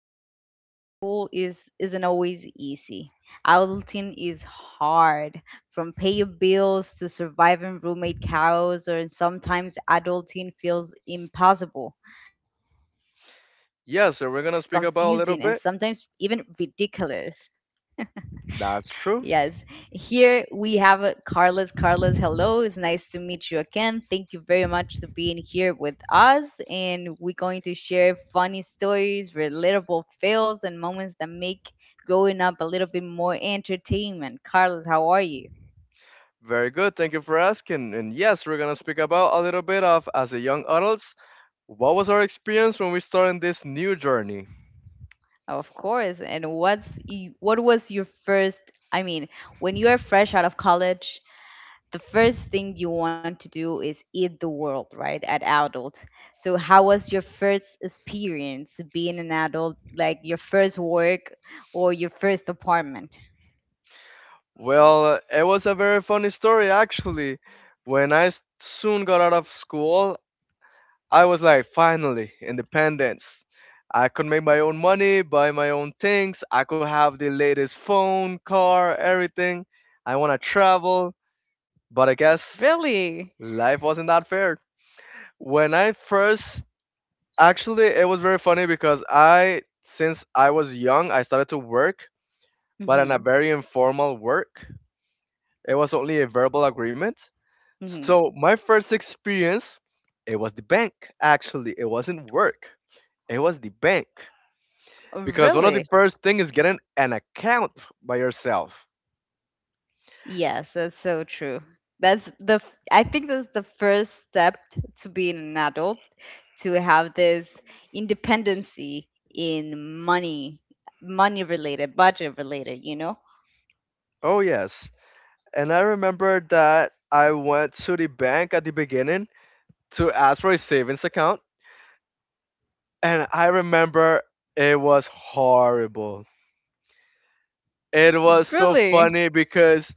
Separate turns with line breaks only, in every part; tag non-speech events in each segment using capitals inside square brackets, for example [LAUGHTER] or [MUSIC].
life after school is isn't always easy. Adulting is hard, from paying bills to surviving roommate chaos, or sometimes adulting feels impossible, confusing, and sometimes
Yes, so we're gonna
even
speak about a little bit.
ridiculous. Yes.
That's true.
Here we have Carlos. Carlos, hello. It's nice to meet you again. Thank you very much to being here with us. And we're going to share funny stories, relatable fails, and moments that make growing up a little bit more entertainment. Carlos, how are you?
Very good. Thank you for asking. And yes, we're gonna speak about a little bit of as a young adults. What was our experience when we started this new journey?
Of course. And what was your first? I mean, when you are fresh out of college, the first thing you want to do is eat the world, right? At adult. So how was your first experience being an adult, like your first work or your first apartment?
Well, it was a very funny story actually. Soon got out of school, I was like, finally, independence. I could make my own money, buy my own things. I could have the latest phone, car, everything. I wanna travel, but I guess
Really?
life wasn't that fair. When I first, actually, it was very funny because I, since I was young, I started to work, but in a
Mhm.
very informal work. It was only a verbal agreement.
Mhm.
So my first experience, it was the bank. Actually, it wasn't work. It was the bank because one of the
Really?
first thing is getting an account by yourself.
Yes, that's so true. I think that's the first step to being an adult, to have this independency in money, money related, budget related, you know?
Oh yes, and I remember that I went to the bank at the beginning to ask for a savings account. And I remember it was horrible. It was so
Really?
funny because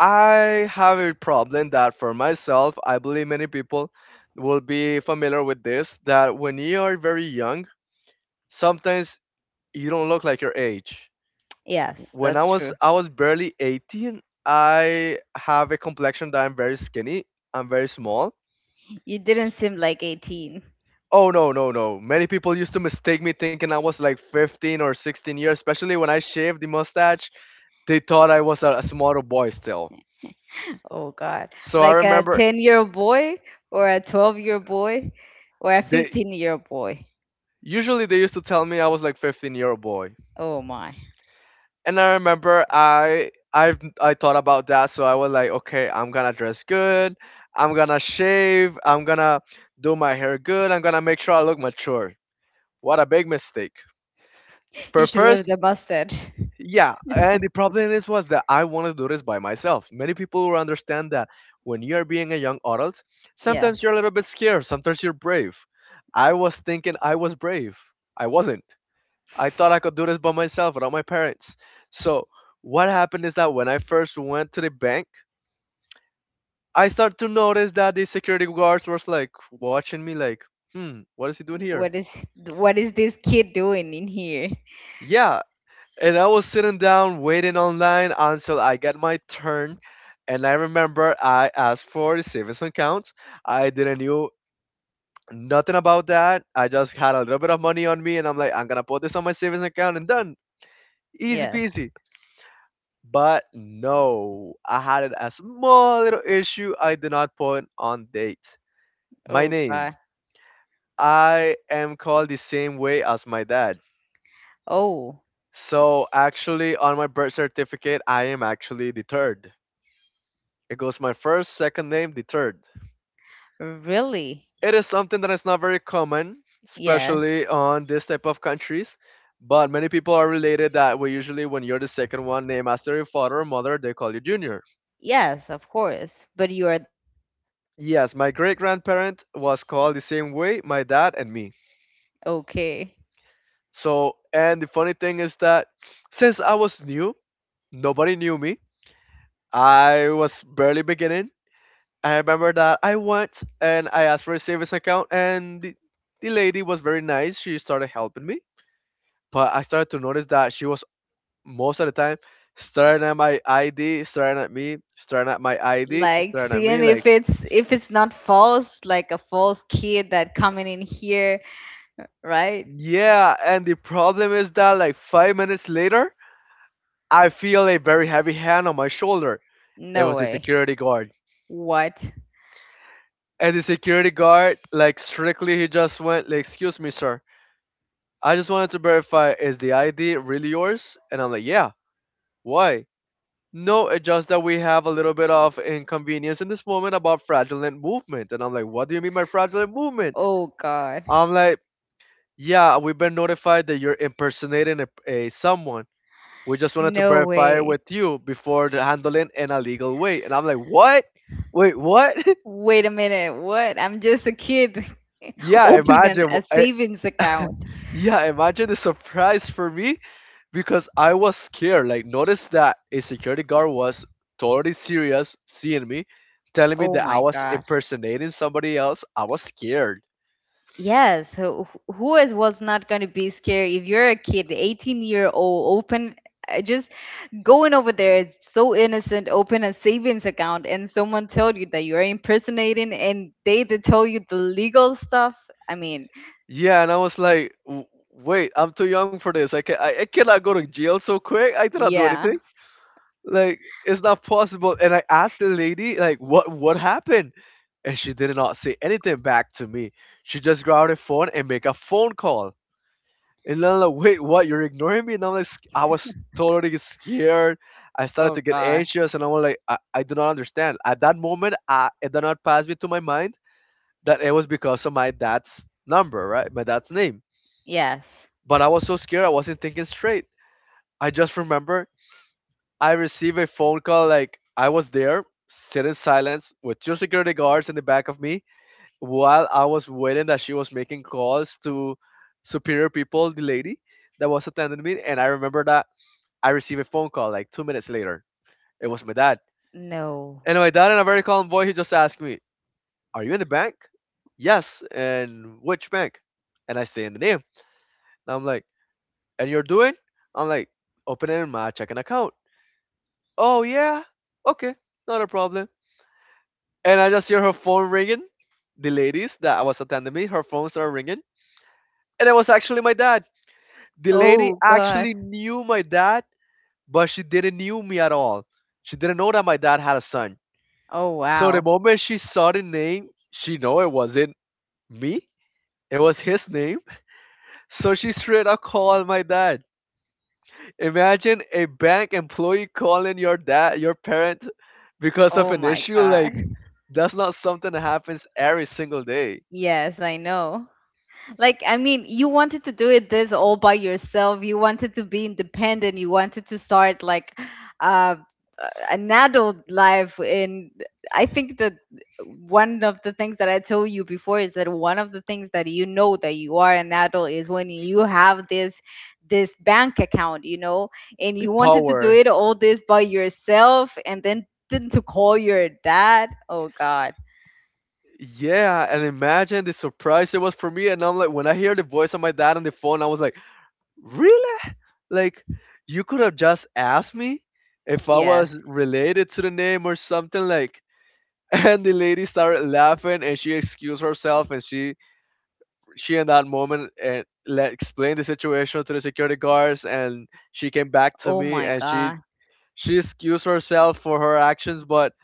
I have a problem that for myself, I believe many people will be familiar with this that when you are very young, sometimes you don't look like your age.
Yes,
When I
that's
was
true.
I was barely 18, I have a complexion that I'm very skinny, I'm very small.
You didn't
S-
seem like 18.
Oh no, no, no. Many people used to mistake me thinking I was like 15 or 16 years, especially when I shaved the mustache. They thought I was a small boy still.
Oh God,
So I
like a
remember
10-year-old boy or a 12-year-old boy or a
they
15-year-old boy.
they used to tell me I was like 15-year-old boy.
Oh my.
And I remember I thought about that, so I was like, okay, I'm gonna dress good, I'm gonna shave, I'm gonna do my hair good, I'm gonna make sure I look mature. What a big mistake.
You
But
should leave
first,
the mustache.
yeah, and the problem is was that I wanted to do this by myself. Many people will understand that when you are being a young adult, sometimes you're a
Yes.
little bit scared, sometimes you're brave. I was thinking I was brave. I wasn't. I thought I could do this by myself without my parents. So what happened is that when I first went to the bank, I started to notice that the security guards was like watching me like, hmm, what is he doing here?
What is what is this kid doing in here?
Yeah, and I was sitting down waiting online until I got my turn. And I remember I asked for the savings account. I didn't knew nothing about that. I just had a little bit of money on me, and I'm like, I'm gonna put this on my savings account and done, easy
Yes.
peasy. But no, I had a small little issue. I did not put on date. My
Oh
name.
God.
I am called the same way as my dad.
Oh,
So actually, on my birth certificate, I am actually the third. It goes my first, second name, the third.
really?
It is something that is not very common,
Yes.
especially on this type of countries. But many people are related that way. Usually, when you're the second one named after your father or mother, they call you Junior.
Yes, of course. But you are the third.
Yes, my great grandparent was called the same way, my dad and me.
Okay.
So, and the funny thing is that since I was new, nobody knew me. I was barely beginning. I remember that I went and I asked for a savings account, and the lady was very nice. She started helping me, but I started to notice that she was most of the time staring at my ID, staring at me, staring at my ID,
Like
staring at me.
seeing
Like,
if it's not false, like a false kid that coming in here, right?
yeah. And the problem is that, like, 5 minutes later, I feel a very heavy hand on my shoulder. It
No
was the
way.
security guard.
What?
And the security guard, like, strictly, he just went, like, excuse me, sir. I just wanted to verify is the ID really yours? And I'm like, yeah. Why? No, it's just that we have a little bit of inconvenience in this moment about fraudulent movement. And I'm like, what do you mean by fraudulent movement?
Oh God.
I'm like, yeah, we've been notified that you're impersonating a someone. We just wanted to
No
verify it
way.
with you before the handling in a legal way. And I'm like, what? Wait, what?
Wait a minute, what? I'm just a kid.
[LAUGHS]
[LAUGHS]
Yeah,
Opening
imagine.
a savings account.
[LAUGHS] Yeah, imagine the surprise for me because I was scared. Like, notice that a security guard was totally serious seeing me, telling me
Oh
that I
my
was
God.
impersonating somebody else. I was scared.
Yes, who is was not going to be scared if you're a kid, 18-year-old, open, just going over there, it's so innocent, open a savings account and someone told you that you're impersonating and they did tell you the legal stuff. I mean,
Yeah, and I was like, Wait, I'm too young for this. I cannot go to jail so quick. I did not do
yeah.
anything. Like, it's not possible. And I asked the lady, like, what happened? And she did not say anything back to me. She just grabbed her phone and make a phone call. And I'm like, wait, what? You're ignoring me? And I'm like, I was totally scared. I started
Oh
to get
God.
anxious, and I was like, I do not understand. At that moment, I, it did not pass me to my mind that it was because of my dad's number, right? My dad's name.
Yes.
But I was so scared, I wasn't thinking straight. I just remember I received a phone call, like, I was there, sitting silence with two security guards in the back of me while I was waiting that she was making calls to superior people, the lady that was attending me. And I remember that I receive a phone call like 2 minutes later. It was my dad.
No.
And my dad, in a very calm voice, he just asked me, are you in the bank? Yes. And which bank? And I say in the name. And I'm like, and you're doing? I'm like, opening my checking account. Oh, yeah. Okay. Not a problem. And I just hear her phone ringing. The ladies that was attending me, her phone started ringing. And it was actually my dad. The lady
Oh God.
actually knew my dad, but she didn't knew me at all. She didn't know that my dad had a son.
Oh
So the
wow.
moment she saw the name, she know it wasn't me. It was his name. So she straight up called my dad. Imagine a bank employee calling your dad, your parent, because of
Oh
an
my
issue.
God.
Like, that's not something that happens every single day.
Yes, I know. Like, I mean, you wanted to do it this all by yourself. You wanted to be independent. You wanted to start like, uh, an adult life. And I think that one of the things that I told you before is that one of the things that you know that you are an adult is when you have this bank account, and
The
you wanted to do
power.
it all this by yourself, and then didn't to call your dad. Oh God,
Yeah, and imagine the surprise it was for me. And I'm like, when I hear the voice of my dad on the phone, I was like, really? Like, you could have just asked me if I was
yes.
related to the name or something. Like, and the lady started laughing and she excused herself and she in that moment and let, explained the situation to the security guards and she came back to
Oh
me
my
and she
God.
she excused herself for her actions, but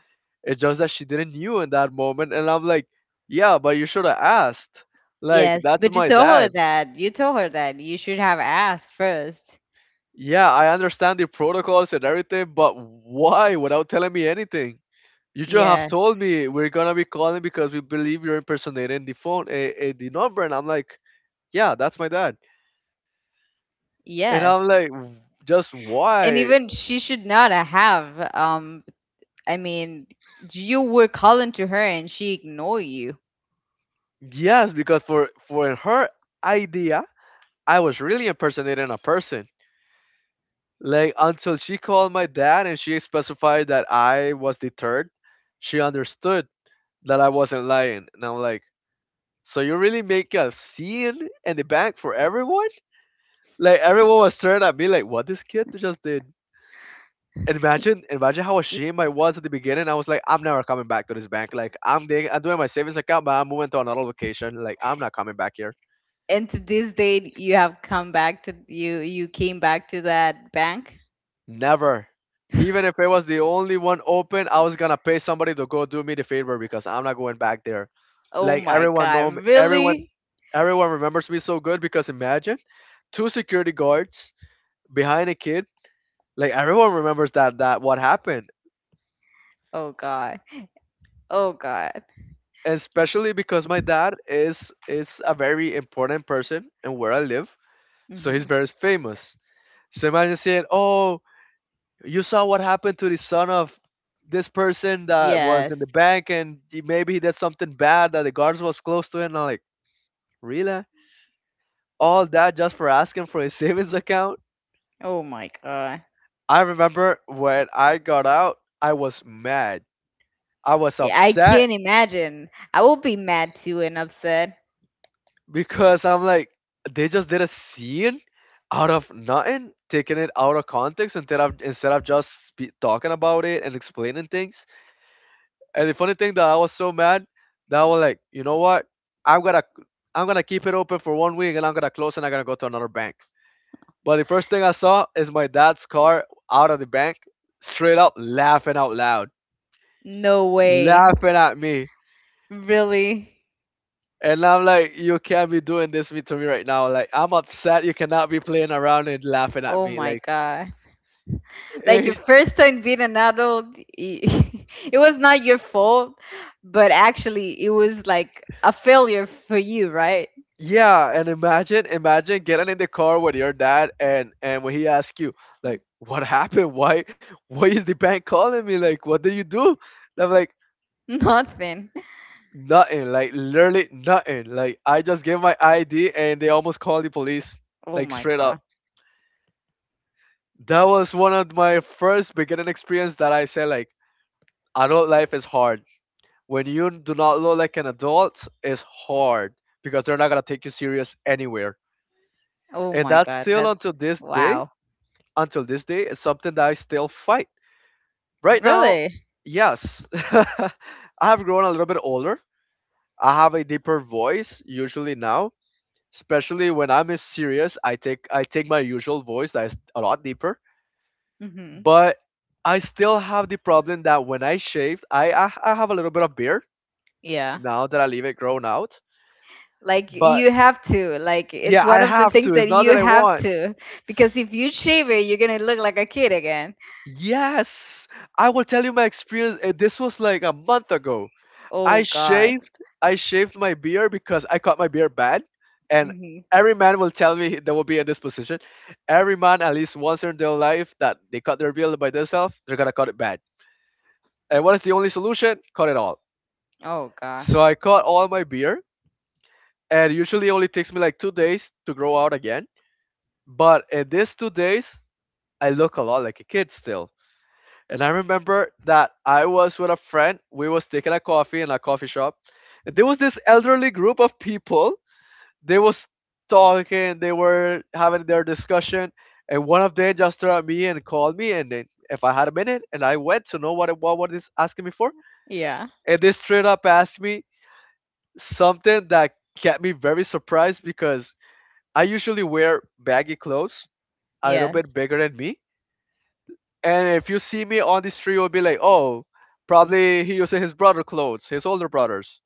it's just that she didn't knew in that moment. And I'm like, yeah, but you should have asked. Like,
Yes,
that's
but you
my
told
dad.
her that. You told her that you should have asked first.
Yeah, I understand the protocols and everything, but why without telling me anything? You just have
Yes,
told me we're gonna be calling because we believe you're impersonating the phone, a the number, and I'm like, yeah, that's my dad, and I'm
yes.
like, Just
And
why?
even she should not have. I mean, you were calling to her and she ignored you.
Yes, because for her idea, I was really impersonating a person. Like until she called my dad and she specified that I was the third, she understood that I wasn't lying. And I'm like, so you really make a scene in the bank for everyone? Like everyone was staring at me like what this kid just did. And imagine how
Y-
ashamed I was at the beginning. I was like, I'm never coming back to this bank. Like I'm doing my savings account, but I'm moving to another location. Like I'm not coming back here.
And to this day, you have come back to you. You came back to that bank.
Never. Even if it was the only one open, I was gonna pay somebody to go do me the favor because I'm not going back there.
Oh
Like
my
everyone
God!
know me,
Really?
everyone remembers me so good because imagine two security guards behind a kid. Like everyone remembers that what happened,
Oh God! Oh God!
especially because my dad is a very important person in where I live, so he's
Hmm.
very famous. So imagine saying, "Oh, you saw what happened to the son of this person that was in
Yes.
the bank, and he- maybe he did something bad that the guards was close to him." And I'm like, "Really? All that just for asking for his savings account?"
Oh my God!
I remember when I got out, I was mad. I was
Yeah, I
upset
can't imagine. I will be mad too and upset.
because I'm like, they just did a scene out of nothing, taking it out of context instead of just be talking about it and explaining things. And the funny thing that I was so mad that I was like, you know what? I'm gonna I'm gonna keep it open for 1 week, and I'm gonna close, and I'm gonna go to another bank. But the first thing I saw is my dad's car out of the bank, straight up laughing out loud,
No way.
laughing at me.
Really?
And I'm like, you can't be doing this me to me right now. Like, I'm upset. You cannot be playing around and laughing at
Oh
me.
my
Like,
God. Like your
eh,
first time being an adult, [LAUGHS] it was not your fault, but actually it was like a failure for you, right?
yeah. And imagine, imagine getting in the car with your dad, and when he asks you, like, what happened? Why is the bank calling me? Like, what did you do? And I'm like,
[LAUGHS] Nothing.
nothing. Like, literally nothing. Like, I just gave my ID, and they almost called the police.
Oh
Like,
my
straight
God.
up. That was one of my first beginning experience that I said like, adult life is hard, when you do not look like an adult it's hard because they're not gonna take you serious anywhere,
Oh
and
my
that's
God.
still
That's
until this day.
wow.
Until this day is something that I still fight right now.
Really?
Yes. [LAUGHS] I have grown a little bit older. I have a deeper voice usually now, especially when I'm is serious. I take my usual voice that's a lot deeper.
Hmm.
But I still have the problem that when I shave, I have a little bit of beard
Yeah.
now that I leave it grown out.
Like
But
you have to. Like it's
yeah,
one
I
of the
have to.
things
It's
that
not that
you
I
have
want.
to because if you shave it, you're gonna look like a kid again.
Yes, I will tell you my experience. This was like a month ago.
Oh
I
God.
shaved. I shaved my beard because I cut my beard bad, and
Hmm.
every man will tell me they will be in this position. Every man, at least once in their life, that they cut their beard by themselves, they're gonna cut it bad. And what is the only solution? Cut it all.
Oh God.
So I cut all my beard, and usually it only takes me like 2 days to grow out again. But in these 2 days, I look a lot like a kid still. And I remember that I was with a friend. We was taking a coffee in a coffee shop. And there was this elderly group of people. They was talking. They were having their discussion. And one of them just turned at me and called me. And then if I had a minute, and I went to know what is asking me for.
Yeah.
And they straight up asked me something that kept me very surprised because I usually wear baggy clothes, a little bit
Yes,
bigger than me. And if you see me on the street, you'll be like, oh, probably he using his brother clothes, his older
yes,
brothers,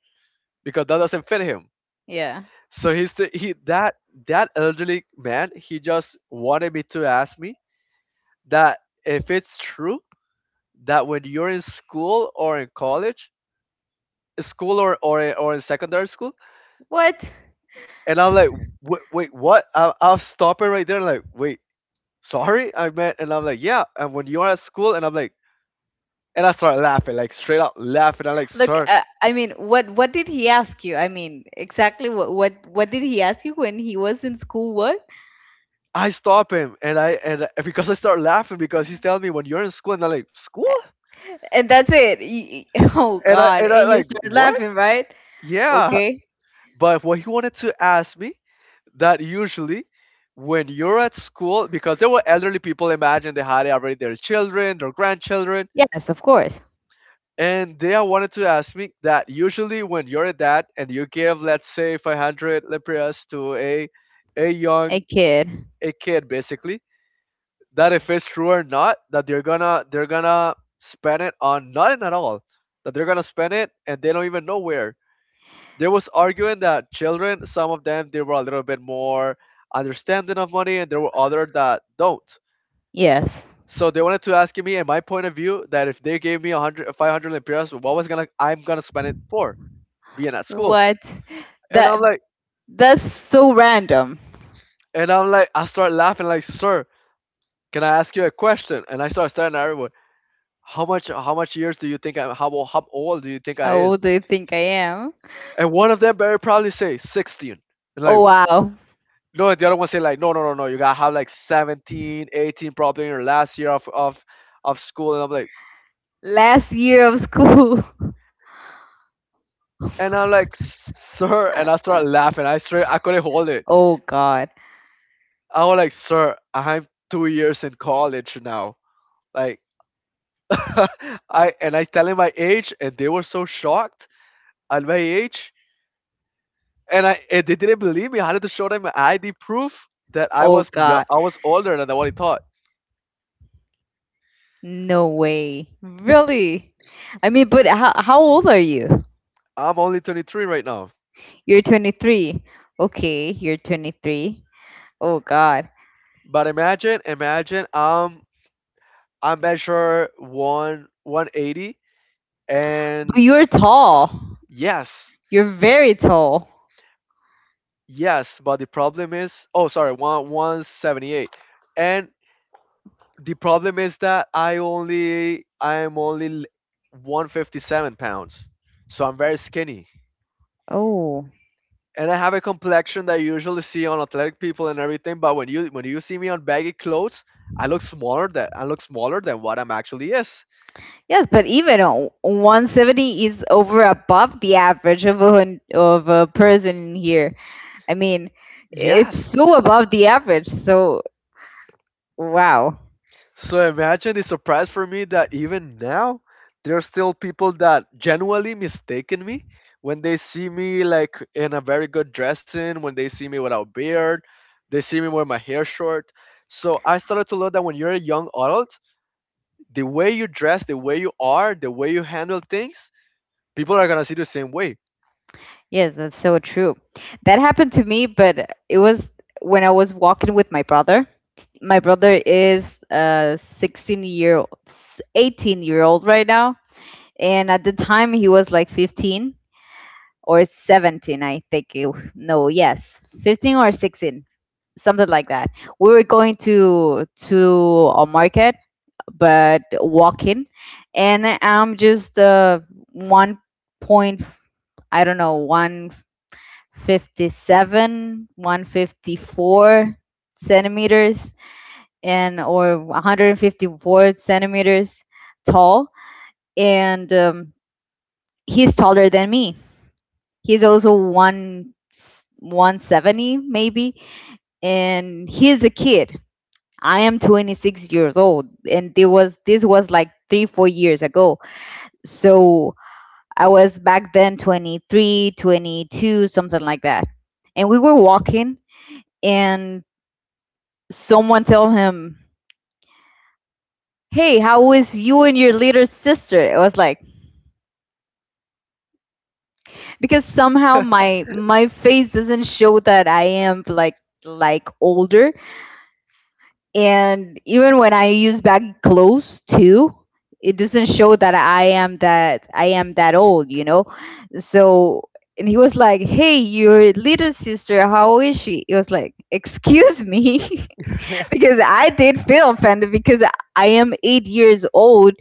because that doesn't fit him.
yeah.
So he that that elderly man. He just wanted me to ask me that if it's true that when you're in school or in college, school or in secondary school,
What?
and I'm like, wait, wait what? I'll stop it right there. Like, wait, sorry, I meant, and I'm like, yeah. And when you're at school, and I'm like, and I start laughing, like straight up laughing. I'm like,
Look,
sir,
I mean, what did he ask you? I mean, exactly what did he ask you when he was in school? What?
I stop him and I- because I start laughing because he's telling me when you're in school, and I'm like school,
A- And that's it. [LAUGHS] Oh God!
and I
And you
like
start
what,
laughing, right?
yeah.
Okay.
But what he wanted to ask me, that usually when you're at school, because there were elderly people, imagine they had already their children, their grandchildren,
Yes, of course.
and they wanted to ask me that usually when you're a dad and you give let's say 500 lempiras to a
A
young,
kid.
a kid basically, that if it's true or not that they're gonna spend it on nothing at all, that they're gonna spend it and they don't even know where. There was arguing that children, some of them they were a little bit more understanding of money, and there were other that don't.
Yes.
So they wanted to ask me in my point of view that if they gave me 100, 500 lempiras, what was gonna I'm gonna spend it for being at school.
What?
and
That
i'm like
that's so random.
and I'm like, I start laughing, like, sir, can I ask you a question? And I start staring at everyone. How much years do you think I how how old do you think I
How old
is?
do you think I am?
And one of them very probably say 16. And like
Oh wow!
no, the other one say like no, you gotta have like 17, 18, probably in your last year of school. And I'm like,
Last year of school.
and I'm
[LAUGHS]
like, sir, and I start laughing. I couldn't hold it.
Oh God.
I was like, sir, I'm 2 years in college now. Like [LAUGHS] I and I tell him my age, and they were so shocked at my age. And I and they didn't believe me. I had to show them ID proof that I
Oh
was
God.
I was older than what he thought.
No way. Really? I mean, but how old are you?
I'm only 23 right now.
You're 23. Okay, you're 23. Oh God.
But imagine, imagine I measure one 180
But
and
you're tall.
yes,
You're very tall.
yes. But the problem is, oh sorry, one 178. And the problem is that I am only 157 pounds, so I'm very skinny.
Oh.
And I have a complexion that you usually see on athletic people and everything. But when you see me on baggy clothes, I look smaller than I look smaller than what I'm actually is.
Yes, but even 170 is over above the average of of a person here. I mean, it's
Yes.
so above the average. So, wow.
So imagine the surprise for me that even now there are still people that genuinely mistaken me when they see me like in a very good dressing, when they see me without beard, they see me with my hair short. So I started to learn that when you're a young adult, the way you dress, the way you are, the way you handle things, people are gonna see the same way.
Yes, that's so true. That happened to me, but it was when I was walking with my brother. My brother is a 16-year-old, 18-year-old right now. And at the time, he was like 15 or 17, I think. No, yes, 15 or 16, something like that. We were going to a market, but walking, and I'm just, one point, I don't know, one. 57, 154 centimeters and or 154 centimeters tall, and, he's taller than me. He's also one 170 maybe, and he's a kid. I am 26 years old, and there was this was like three four years ago. So I was back then 23, 22, something like that, and we were walking, and someone tell him, "Hey, how is you and your little sister?" It was like because somehow my face doesn't show that I am like older, and even when I use baggy clothes too, it doesn't show that I am that old, you know. So and he was like, "Hey, your little sister, how is she?" It was like, "Excuse me."
[LAUGHS]
[LAUGHS] because I did feel offended because I am 8 years old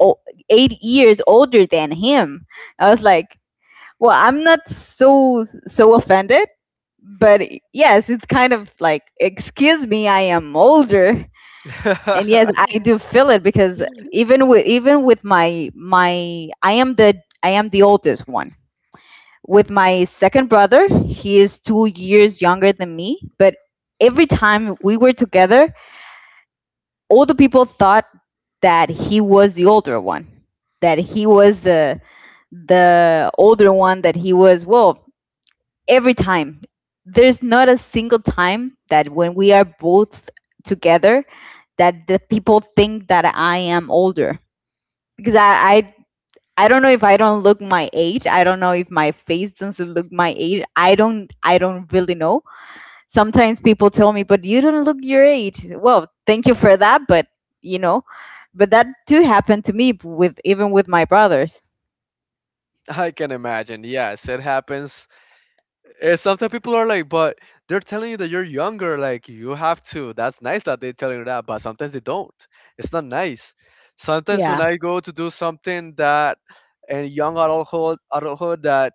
o- 8 years older than him. I was like, well, I'm not so so offended, but yes, it's kind of like, excuse me, I am older, and yes, I do feel it because even with my my I am the oldest one. With my second brother, he is 2 years younger than me, but every time we were together, all the people thought that he was the older one, that he was the older one, that he was well every time. There's not a single time that when we are both together that the people think that I am older because I don't know if I don't look my age. I don't know if my face doesn't look my age. I don't really know. Sometimes people tell me, but you don't look your age. Well, thank you for that, but you know, but that too happened to me with even with my brothers.
I can imagine. Yes, it happens. Eh, sometimes people are like, but they're telling you that you're younger. Like you have to. That's nice that they are telling you that, but sometimes they don't. It's not nice. Sometimes when
Yeah.
I go to do something that in young adulthood, adulthood, that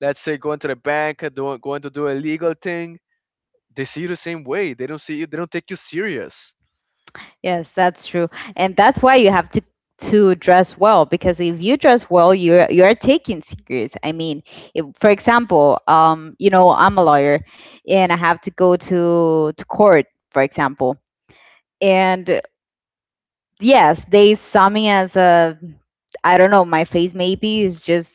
let's say going to the bank, doing going to do a legal thing, they see you the same way. They don't see you. They don't take you serious.
Yes, that's true. And that's why you have to dress well because if you dress well, you're taken serious. I mean, if, for example, I'm a lawyer and I have to go to court, for example. And yes, they saw me as a I don't know, my face maybe is just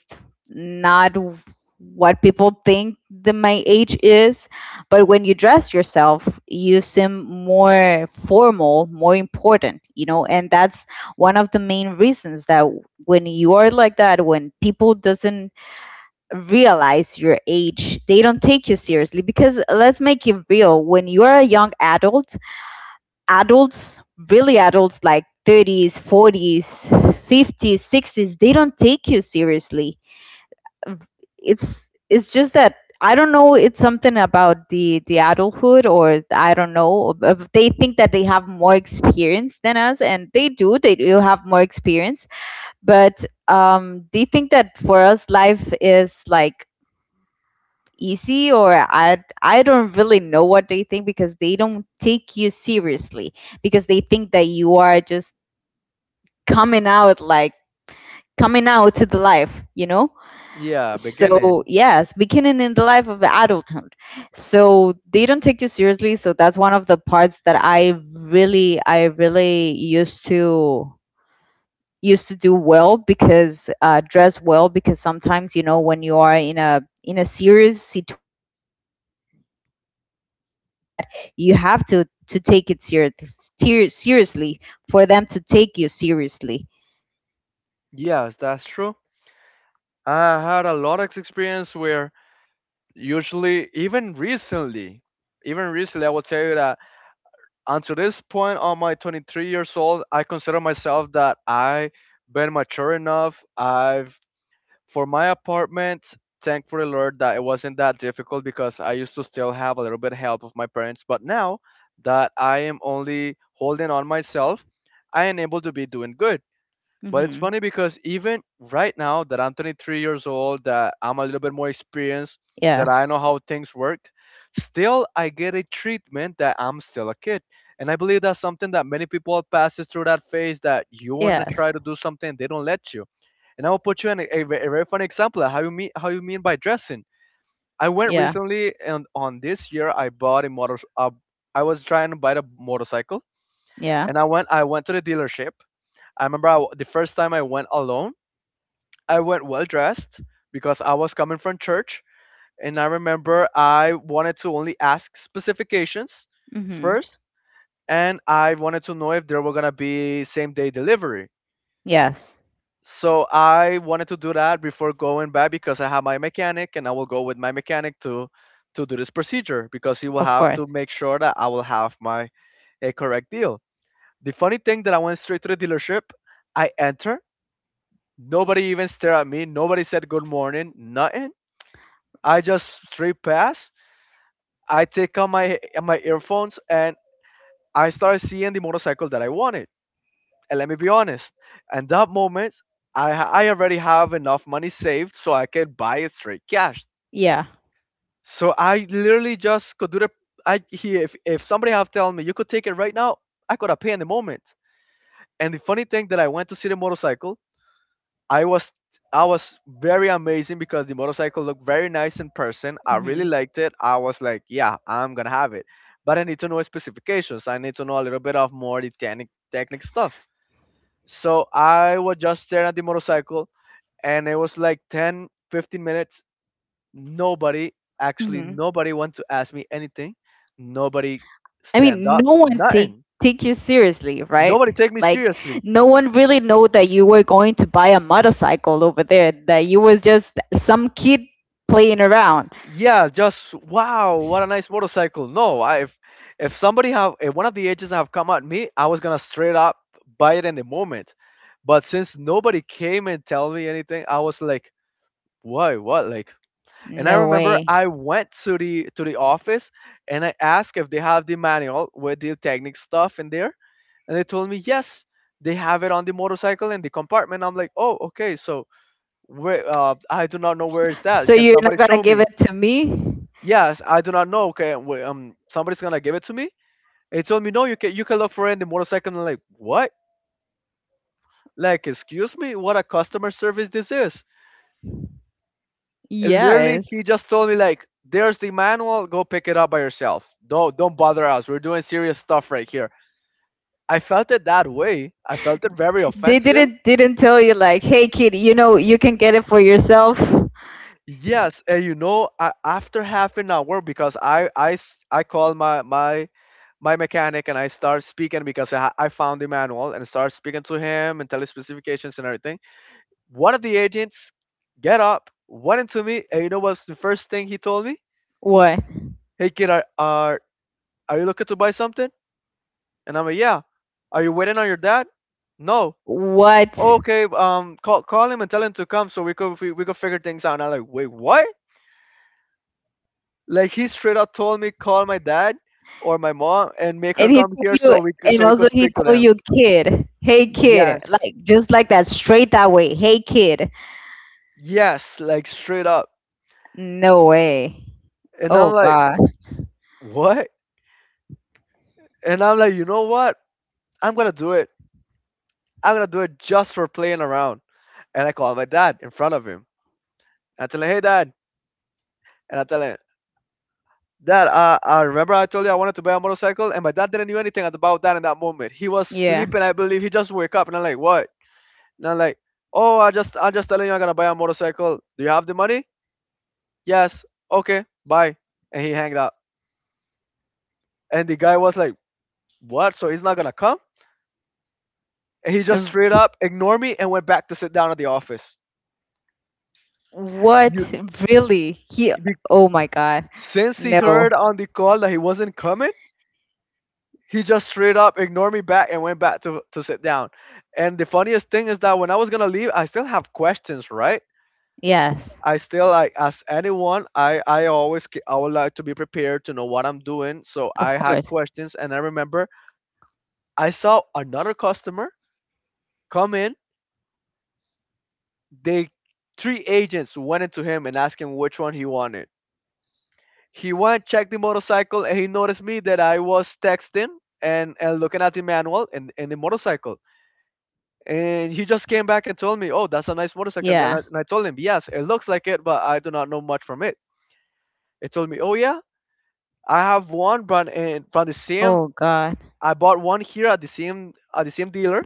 not w- what people think that my age is. But when you dress yourself, you seem more formal, more important, and that's one of the main reasons that when you are like that, when people doesn't realize your age, they don't take you seriously because let's make it real. When you are a young adult, adults, really adults like 30s, 40s, 50s, 60s, they don't take you seriously. It's just that I don't know, it's something about the adulthood or I don't know, they think that they have more experience than us and they do have more experience, but they think that for us life is like easy or I don't really know what they think because they don't take you seriously because they think that you are just coming out like coming out to the life, you know?
Yeah,
So,
beginning.
yes, beginning in the life of adulthood. So, they don't take you seriously, so that's one of the parts that I really used to do well because dress well because sometimes when you are in a serious situation like in court or something like that you have to take it seriously for them to take you seriously.
Yes, that's true. I had a lot of experience where usually, even recently, I will tell you that until this point on my 23 years old, I consider myself that I been mature enough. I've, for my apartment, thankfully, Lord, that it wasn't that difficult because I used to still have a little bit help of my parents. But now that I am only holding on myself, I am able to be doing good. But it's
Mm-hmm.
funny because even right now that I'm 23 years old, that I'm a little bit more experienced, that I
Yes,
know how things work, still I get a treatment that I'm still a kid. And I believe that's something that many people passes through that phase that you want to
yes.
try to do something, they don't let you. And I will put you in a a very funny example of how you mean by dressing. I went
Yeah,
recently and on this year I bought a motor. I was trying to buy a motorcycle,
yeah.
and I went. I went to the dealership. I remember I w the first time I went alone, I went well dressed because I was coming from church. And I remember I wanted to only ask specifications
Mm-hmm.
first, and I wanted to know if there were gonna be same day delivery.
Yes,
So I wanted to do that before going back because I have my mechanic, and I will go with my mechanic to do this procedure because he will
of
have to
course.
make sure that I will have my a correct deal. The funny thing that I went straight to the dealership, I enter, nobody even stared at me, nobody said good morning, nothing. I just straight pass. I take out my earphones and I start seeing the motorcycle that I wanted. And let me be honest, at that moment, I already have enough money saved so I can buy it straight cash.
Yeah.
So I literally just could do the I he if somebody have told me you could take it right now, I could have paid in the moment. And the funny thing that I went to see the motorcycle, I was I was very amazing because the motorcycle looked very nice in person. I really
Mm-hmm.
liked it. I was like, yeah, I'm gonna have it. But I need to know specifications. I need to know a little bit of more the technic stuff. So I was just staring at the motorcycle and it was like 10, 15 minutes. Nobody
Mm-hmm.
nobody want to ask me anything. Nobody
I
stand
mean,
up,
no one take
nothing.
take you seriously, right?
Nobody take me
Like
seriously.
no one really know that you were going to buy a motorcycle over there, that you was just some kid playing around.
Yeah, just wow, what a nice motorcycle. No I If somebody have, if one of the agents have come at me, I was gonna straight up buy it in the moment. But since nobody came and tell me anything, I was like, why, what? Like, and I
No
remember
way.
I went to the office and I asked if they have the manual with the technique stuff in there, and they told me yes, they have it on the motorcycle in the compartment. I'm like, oh, okay, so where, I do not know where is
So
that. Can
you're
somebody
not gonna
show
give
me?
it to me?
Yes, I do not know. Okay, wait, somebody's gonna give it to me. They told me no, you can, you can look for it in the motorcycle. And I'm like, what? Like, excuse me, what a customer service this is. And literally,
Yes.
he just told me, like, there's the manual. Go pick it up by yourself. Don't bother us. We're doing serious stuff right here. I felt it that way. I felt it very
They
offensive.
didn't tell you like, hey kid, you know you can get it for yourself.
Yes, and you know, after half an hour, because I called my mechanic and I start speaking because I found the manual and start speaking to him and tell his specifications and everything. One of the agents get up, went into me, and you know what's the first thing he told me?
What?
Hey kid, are you looking to buy something? And I'm like, yeah. Are you waiting on your dad? No.
What?
Okay, call him and tell him to come so we could figure things out. And I'm like, wait, what? Like, he straight up told me, call my dad or my mom and make her
And he
come
told
here
you and
so we could
also he
speak to
told
them.
you kid. Hey kid.
Yes.
Like just like that, straight that way. Hey kid.
Yes, like straight up.
No way.
And I'm
Oh
like,
God.
what? And I'm like, you know what? I'm gonna do it. I'm gonna do it just for playing around. And I call my dad in front of him. I tell him, hey dad. And I tell him, dad, I remember I told you I wanted to buy a motorcycle, and my dad didn't knew anything about that in that moment. He was
Yeah.
sleeping, I believe. He just woke up, and I'm like, what? And I'm like, oh, I'm just telling you I'm gonna buy a motorcycle. Do you have the money? Yes. Okay. Bye. And he hanged up. And the guy was like, what? So he's not gonna come? And he just straight
Uh,
up ignored me and went back to sit down at the office.
What?
You,
Really? He?
be,
Oh my God.
since he
No.
heard on the call that he wasn't coming, he just straight up ignored me back and went back to sit down. And the funniest thing is that when I was gonna leave, I still have questions, right?
Yes.
I still, like, as anyone, I would like to be prepared to know what I'm doing. So
Of
I had
course.
questions, and I remember I saw another customer come in. They Three agents went into him and asked him which one he wanted. He went, checked the motorcycle, and he noticed me that I was texting and looking at the manual and the motorcycle. And he just came back and told me, oh, that's a nice motorcycle. And then
Yeah.
and I told him, yes, it looks like it, but I do not know much from it. He told me, oh, yeah, I have one brand and from the same.
Oh God.
I bought one here at the same dealer,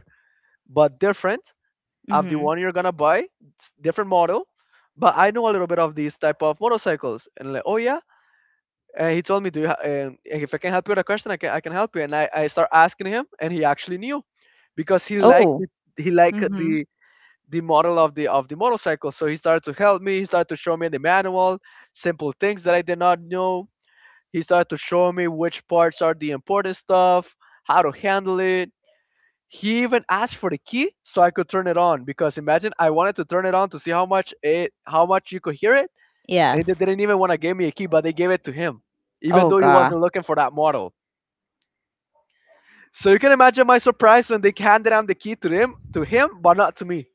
but different of the
Mhm.
one you're gonna buy. It's different model. But I know a little bit of these type of motorcycles, and, like, oh yeah. He told me, do you
Oh
if
God.
I can help you with a question, I can help you. And I start asking him, and he actually knew, because he liked
Oh.
it, he liked
Mhm.
the model of the motorcycle. So he started to help me. He started to show me the manual, simple things that I did not know. He started to show me which parts are the important stuff, how to handle it. He even asked for the key so I could turn it on, because imagine, I wanted to turn it on to see how much you could hear it, and they
Yes.
didn't even want to give me a key, but they gave it to him, even
Oh
though he
God.
wasn't looking for that model. So you can imagine my surprise when they handed down the key to him, but not to me.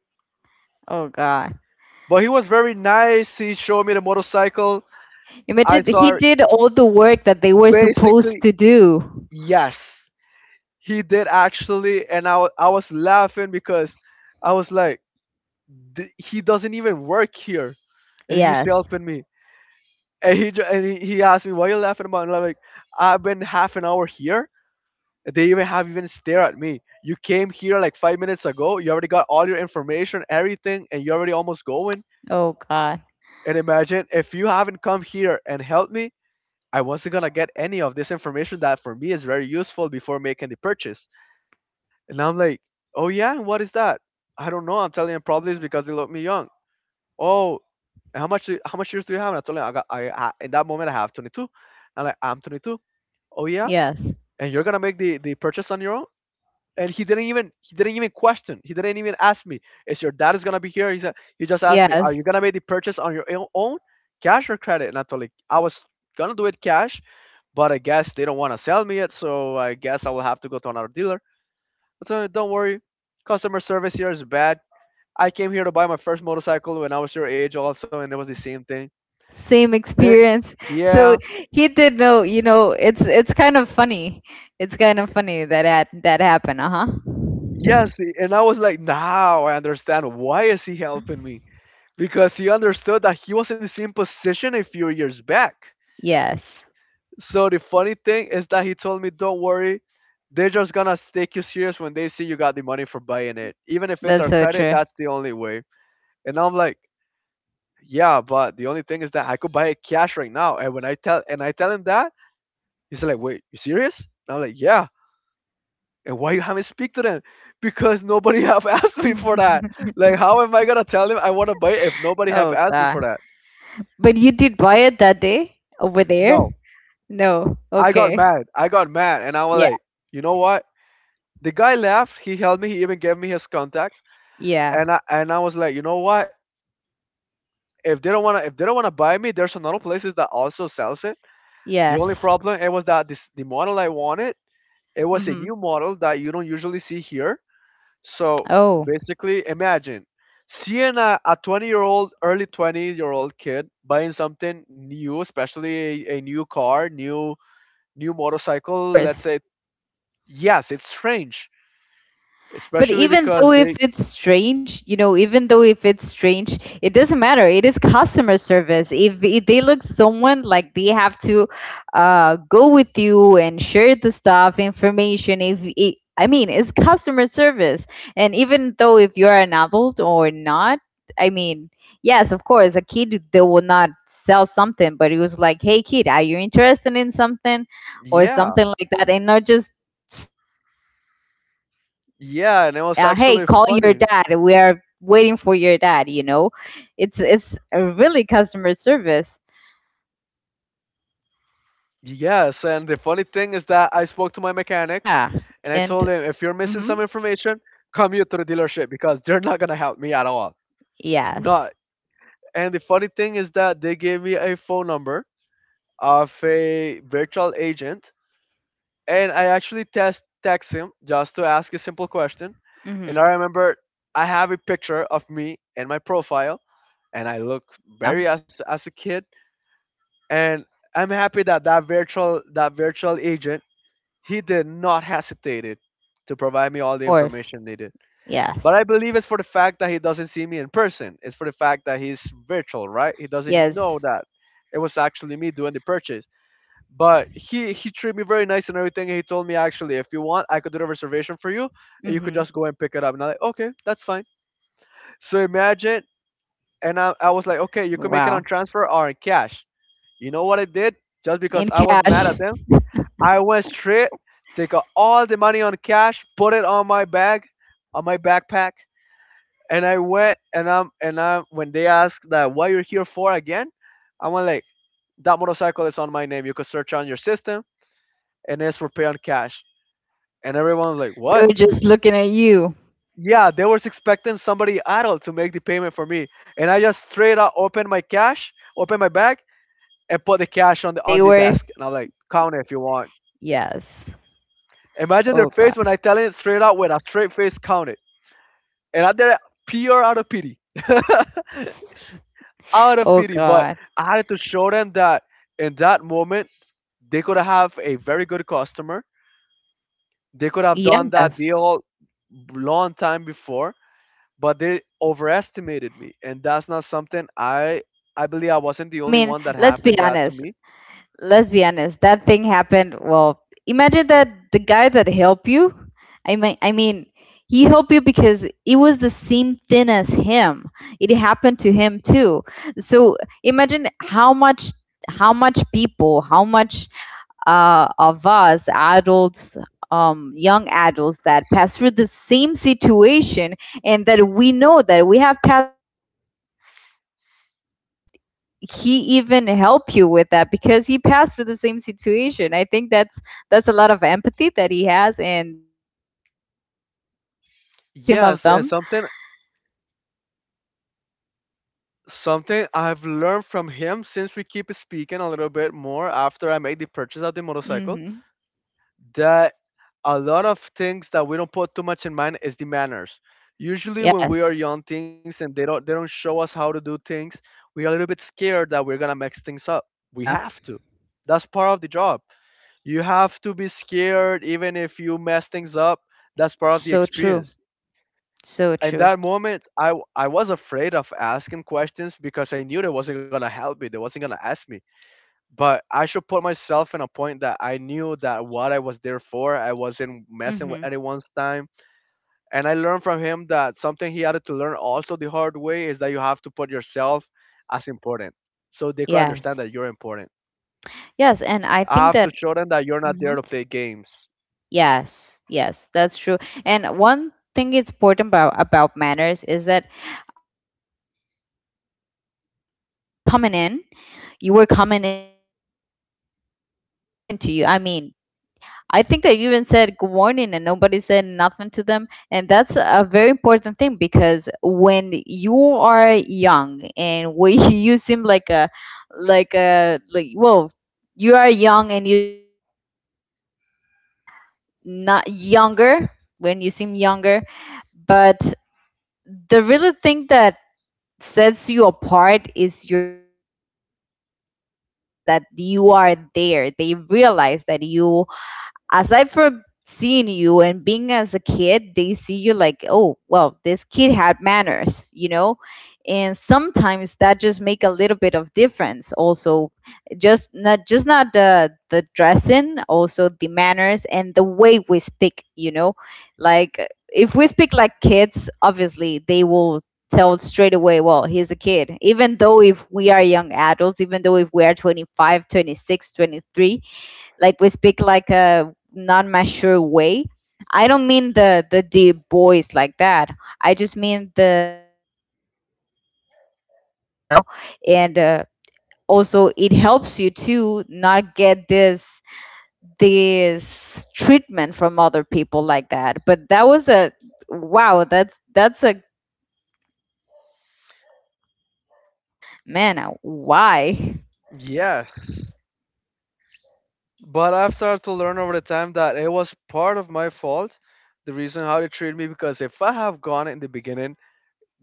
Oh God.
But he was very nice. He showed me the motorcycle. I
Imagine that he
saw
did all the work that they were supposed
basically
to do.
yes, He did actually, and I was laughing because I was like, he doesn't even work here, and he's
Yes.
helping me. And he ju- and he asked me, why are you laughing about? And I'm like, I've been half an hour here. They even have even stare at me. You came here like 5 minutes ago. You already got all your information, everything, and you're already almost going.
Oh God.
And imagine if you haven't come here and helped me, I wasn't gonna get any of this information that for me is very useful before making the purchase. And I'm like, oh yeah, and what is that? I don't know. I'm telling him probably it's because they look me young. Oh, and how much, how much years do you have? And I told him I in that moment I have 22. I'm like, I'm 22. Oh yeah,
Yes.
and you're gonna make the purchase on your own? And he didn't even ask me, is your dad is gonna be here? He said, he just asked me, are
Yes.
you gonna make the purchase on your own, cash or credit? And I told him I was gonna do it cash, but I guess they don't want to sell me it, so I guess I will have to go to another dealer. I told him, don't worry, customer service here is bad. I came here to buy my first motorcycle when I was your age also, and it was the same thing.
Same
They,
experience [LAUGHS] so
yeah.
he did know. It's kind of funny. It's kind of funny that that happened. Uh-huh.
Yes, and I was like, now I understand why is he
Yeah.
helping me, because he understood that he was in the same position a few years back.
Yes,
So the funny thing is that he told me, don't worry, they're just gonna take you serious when they see you got the money for buying it. Even if it's
that's
our
so
credit,
true.
that's the only way. And I'm like, yeah, but the only thing is that I could buy it cash right now. And when I tell him that, he's like, wait, you serious? And I'm like, yeah. And why you haven't speak to them? Because nobody have [LAUGHS] asked me for that.
[LAUGHS]
Like, how am I gonna tell him I want to buy it if nobody have
Oh
asked me
god.
for that?
But you did buy it that day over there?
No,
No,
I got
okay.
mad. I got mad, and I was
Yeah,
like, you know what? The guy left. He helped me. He even gave me his contact,
yeah,
and I was like, you know what? If they don't wanna, if they don't wanna buy me, there's another places that also sells it. The only
yes.
problem it was that this the model I wanted. It was a
Mm-hmm.
new model that you don't usually see here. So
Oh,
basically, imagine seeing a 20-year-old, early 20-year-old kid buying something new, especially a new car, new
yes, of
motorcycle. Let's
course.
say, yes, it's strange,
But
especially
even
because
though if
they,
it's strange, even though if it's strange, it doesn't matter. It is customer service. If they look someone like they have to go with you and share the stuff, information, if it, it's customer service. And even though if you're an adult or not, I mean, yes, of course, a kid, they will not sell something, but it was like, "Hey, kid, are you interested in something or
yeah.
something like that?" And not just straight, you straight away, "Hey,
Yeah, and it
dad,
was actually
hey, call
funny.
your dad. We are waiting for your dad." It's a really customer service.
Yes, and the funny thing is that I spoke to my mechanic
Yeah.
and I told
And
him, if you're missing
hmm.
some information, come here to the dealership because they're not gonna help me at all. Not,
Yes.
and the funny thing is that they gave me a phone number of a virtual agent, and I actually test text him just to ask a simple question. And I
Hmm.
remember I have a picture of me and my profile and I look
Yeah.
very, as a kid. And I'm happy that that virtual agent, he did not hesitated to provide
Yes,
me
of
all the
course.
information needed. But
Yes,
I believe it's for the fact that he doesn't see me in person. It's for the fact that he's virtual, right? He doesn't know
yes.
that it was actually me doing the purchase. But he treated me very nice and everything. He told me actually, if you want, I could do the reservation for you, and you could
Hmm.
just go and pick it up. And I'm like, okay, that's fine. So imagine, and I was like, okay, you can make it
Wow.
on transfer or in cash. You know what I did? Just because
In
I was mad
cash.
at them, I went straight. They got all the money on cash, put it on my bag, on my backpack, and I went. And I am when they ask that what you're here for again, I'm like, that motorcycle is on my name. You could search on your system, and it's for pay on cash. And everyone was like,
They
what?
were just looking at you.
Yeah, they was expecting somebody adult to make the payment for me, and I just straight up opened my cash, opened my bag,
Oh
and put the
god,
cash on
and
the
they
on the
were.
desk. And I'm like, count it if you want.
Yes.
Imagine their
Oh god.
face when I tell it straight out with a straight face, count it. And I did it pure out of pity, [LAUGHS] out of
Oh
pity. But
god.
I had to show them that in that moment they could have a very good customer. They could have done that
Yes.
deal long time before, but they overestimated me, and that's not something
Because you looked
I
like a
I believe I
kid.
wasn't the
I
only
mean,
one that
let's be
happened that to
honest.
me.
Let's be honest. That thing happened. Well, imagine that the guy that helped you. I mean, I mean, he helped you because it was the same thing as him. It happened to him too. So imagine how much people, how much of us adults, young adults that pass through the same situation and that we know that we have passing through the same situation, and he even help you with that because he passed through the same situation. I think that's a lot of empathy that he has and that he didn't want another person to be victim of
Yes, and
them.
something I've learned from him since we keep speaking a little bit more after I made the purchase of the motorcycle,
Hmm.
that a lot of things that we don't put too much in mind is the manners. Usually when we are
Yes.
young things and they don't show us how to do things, we are a little bit scared that we're gonna mess things up. We
Yeah,
have to. That's part of the job. You have to be scared even if you mess things up. That's part of the
so true.
experience.
So
In
true.
that moment, I was afraid of asking questions because I knew they wasn't gonna help me. They wasn't gonna ask me, but I should put myself in a point that I knew that what I was there for, I wasn't messing with
Hmm.
anyone's time. And I learned from him that something he had to learn also the hard
Hmm.
way is that you have to put yourself as important so they could understand
Yes.
that you're important.
yes and I
I
think
have
that
to show them that you're not
Mm-hmm.
there to play games.
Yes, yes, that's true. And one thing it's important about manners is that, um, y- for example, you said you were coming in, you were coming in, and nobody said nothing to you. I mean, I think that you even said good morning, and nobody said nothing to them, and that's a very important thing because when you are young and when [LAUGHS] you seem like a like a like well. You are young and you seem like you are not younger, when you seem younger, but the really thing that sets you apart is your manners, because they realize that you are there, they realize that you, aside from seeing you and being as a kid, they see you like, "Oh, well, this kid had manners, you know?" And sometimes that just make a little bit of difference also, just not, just not the the dressing, also the manners and the way we speak, you know? Like if we speak like kids, obviously they will tell straight away, well, he's a kid. Even though if we are young adults, even though if we are 25, 26, 23, like we speak like a non mature way. I don't mean the deep voice like that. I just mean the right way to talk with manners, you know? And also it helps you to not get this this treatment from other people like that. But that was a wow, that's a very tough experience, because man, why.
Yes. But I've started to learn over the time that it was part of my fault, the reason how they treated me, because if I have gone in the beginning,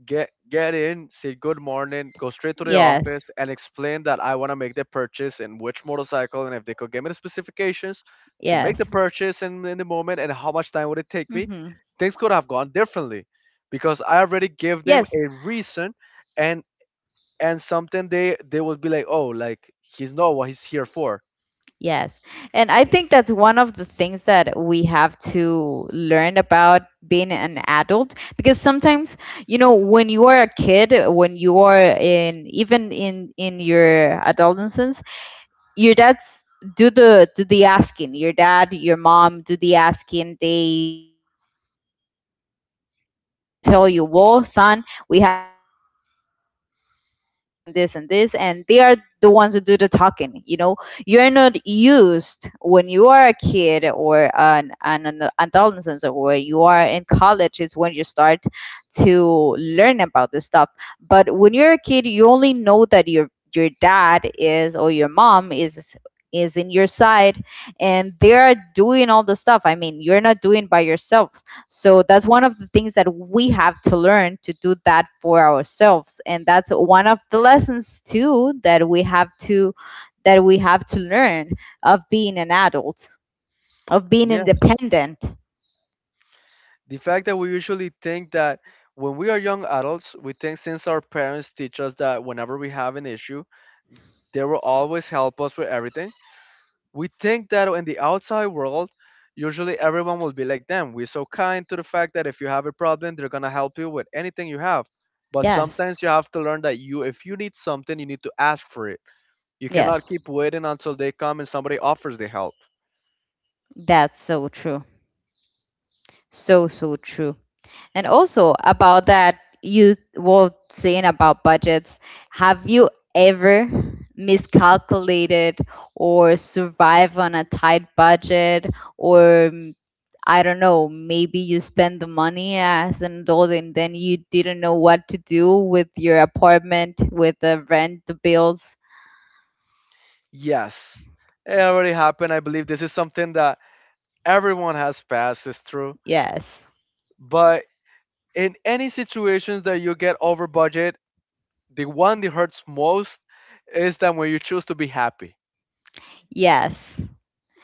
get in, say good morning, go straight to the
Yes.
office, and explain that I want to make the purchase and which motorcycle, and if they could give me the specifications to make the
Yes.
purchase in the moment and how much time would it take me.
Hmm.
Things could have gone differently because I already gave them
Yes.
a reason, and and something they would be like, oh, like
Hmm.
he's know what he's here for.
Yes. And I think that's one of the things that we have to learn about being an adult, because sometimes, you know, when you are a kid, when you are in, even in your adolescence, your dads do the asking. Your dad, your mom do the asking. They, you are there by the side and they tell you, "Well, son, we have here, here, here, here, we're gonna buy this and this and this." And they are the ones who do the talking. You know, you're not used, when you are a kid or an adolescent or when you are in college, is when you start to learn about this stuff. But when you're a kid, you only know that your dad is or your mom is in your side and they are doing all the stuff. I mean, you're not doing by yourself. So that's one of the things that we have to learn to do that for ourselves. And that's one of the lessons too that we have to that we have to learn, of being an adult, of being
Yes,
independent.
the fact that we usually think that when we are young adults, we think since our parents teach us that whenever we have an issue, they will always help us with everything. We think that in the outside world, usually everyone will be like them. We're so kind to the fact that if you have a problem, they're gonna help you with anything you have. But
Yes.
sometimes you have to learn that you, if you need something, you need to ask for it. You cannot
Yes.
keep waiting until they come and somebody offers the help.
That's so true. So so true. And also about that you were saying about budgets, have you ever miscalculated or survive on a tight budget or I don't know, maybe you spend the money as an adult and then you didn't know what to do with your apartment, with the rent, the bills.
Yes, it already happened. I believe this is something that everyone has passed is through.
Yes.
But in any situations that you get over budget, the one that hurts most is that when you choose to be happy.
Yes.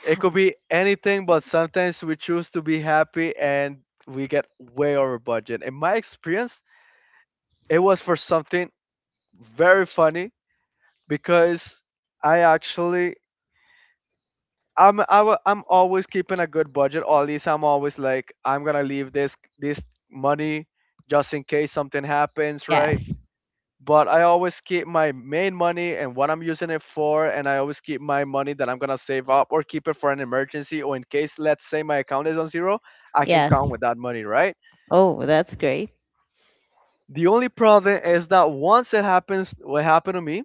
It could be anything, but sometimes we choose to be happy and we get way over budget. In my experience, it was for something very funny because I actually, I'm always keeping a good budget. Or at least I'm always like I'm gonna leave this money just in case something happens, right?
Yes.
But I always keep my main money and what I'm using it for, and I always keep my money that I'm gonna save up or keep it for an emergency or in case, let's say, my account is on zero, I can
Yes.
count with that money, right?
Oh, that's great.
The only problem is that once it happens, what happened to me,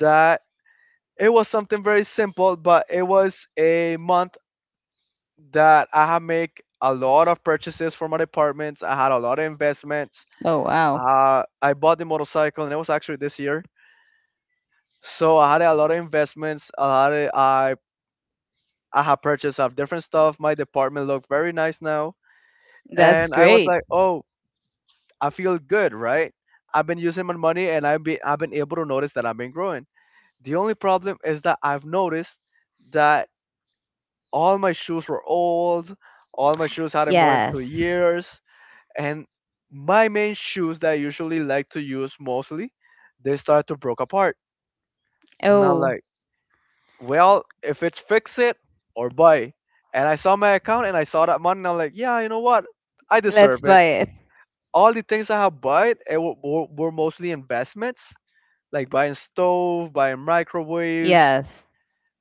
that it was something very simple, but it was a month that I had make a lot of purchases for my departments. I had a lot of investments.
Oh, wow.
I bought the motorcycle, and it was actually this year. So I had a lot of investments. I had I have purchased of different stuff. My department looked very nice now,
That's
and I was
great.
like, oh, I feel good, right? I've been using my money, and I've been able to notice that I've been growing. The only problem is that I've noticed that all my shoes were old. All my shoes had more than two
Yes.
years, and my main shoes that I usually like to use mostly, they start to broke apart. And I'm
Oh.
like, well, if it's fix it or buy. And I saw my account and I saw that money and I'm like, yeah, you know what? I
Let's
deserve it.
buy it.
All the things I have bought were mostly investments, like buying stove, buying microwaves.
Yes.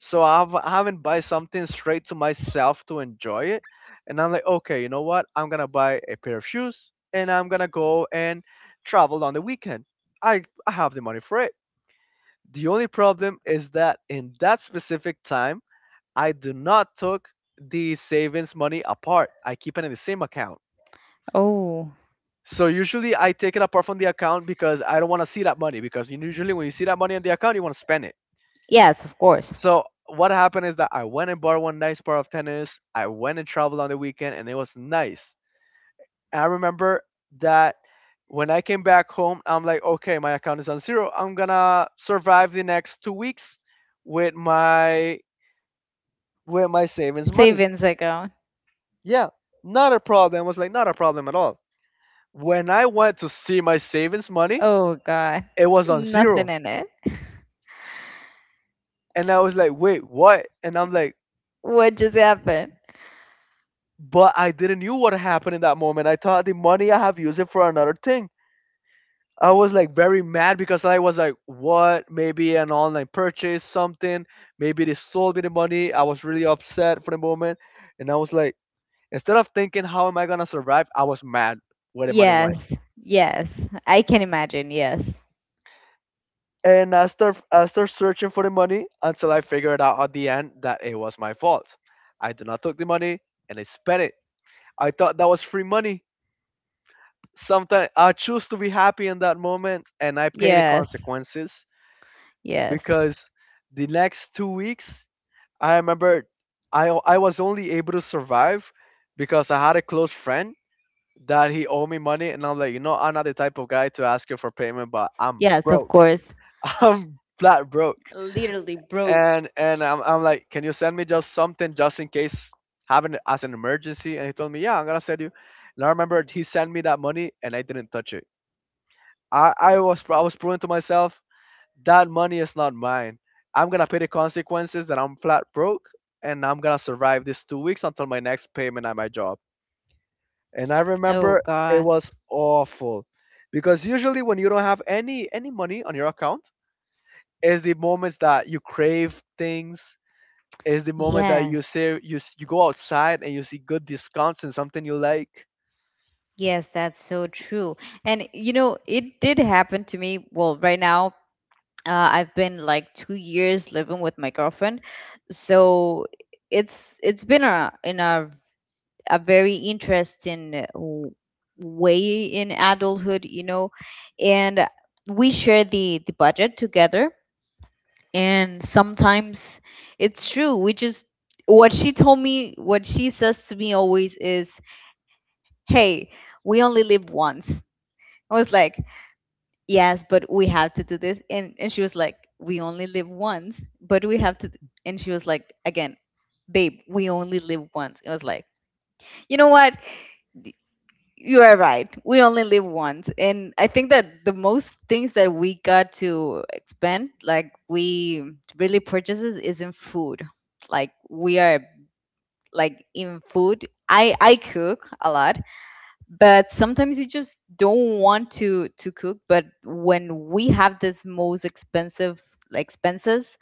So I haven't buy something straight to myself to enjoy it. And I'm like, okay, you know what? I'm gonna buy a pair of shoes and I'm gonna go and travel on the weekend. I have the money for it. The only problem is that in that specific time I do not took the savings money apart. I keep it in the same account.
Oh,
So usually I take it apart from the account because I don't want to see that money because usually when you see that money in the account, you want to spend it.
yes, of course.
So what happened is that I went and bought one nice pair of tennis. I went and traveled on the weekend and it was nice. I remember that when I came back home, I'm like, okay, my account is on zero. I'm gonna survive the next 2 weeks with my with my savings money.
Savings account.
Yeah, not a problem. I was like, not a problem at all. When I went to see my savings money,
Oh, God.
it was on
Nothing
zero.
in it.
And I was like, wait, what? And I'm like,
What just happened?
but I didn't knew what happened in that moment. I thought the money I have used it for another thing. I was like very mad because I was like, what? Maybe an online purchase, something. Maybe they sold me the money. I was really upset for the moment. And I was like, instead of thinking, how am I going to survive? I was mad where the money
Yes.
went.
Yes. I can imagine. Yes.
And I start searching for the money until I figured out at the end that it was my fault. I did not took the money and I spent it. I thought that was free money. Sometimes I choose to be happy in that moment and I pay the
Yes.
consequences
Yes.
because the next 2 weeks I remember I was only able to survive because I had a close friend that he owed me money and I'm like, you know, I'm not the type of guy to ask you for payment but I'm
Yes, of
broke.
course.
[LAUGHS] I'm flat broke,
Literally broke.
and I'm like, can you send me just something just in case having as an emergency, and he told me, yeah, I'm gonna send you. And I remember he sent me that money and I didn't touch it. I was, I was proving to myself that money is not mine. I'm gonna pay the consequences that I'm flat broke, and I'm gonna survive these 2 weeks until my next payment at my job. And I
Oh,
remember it
God.
was awful because usually when you don't have any money on your account is the moments that you crave things. It's the moment that you
Yes.
see you go outside and you see good discounts and something you like.
Yes, that's so true. And you know, it did happen to me. Well, right now I've been like 2 years living with my girlfriend, so it's been a in a a very interesting way in adulthood, you know, and we share the budget together, and sometimes it's true. We just, what she told me, what she says to me always is, "Hey, we only live once." I was like, yes, but we have to do this. And she was like, we only live once, but we have to. And she was like, again, babe, we only live once. It was like, you know what? D- You are right. We only live once. And I think that the most things that we got to expend, like we really purchases is in food. Like we are like in food. I cook a lot, but sometimes you just don't want to cook. But when we have this most expensive, like expenses,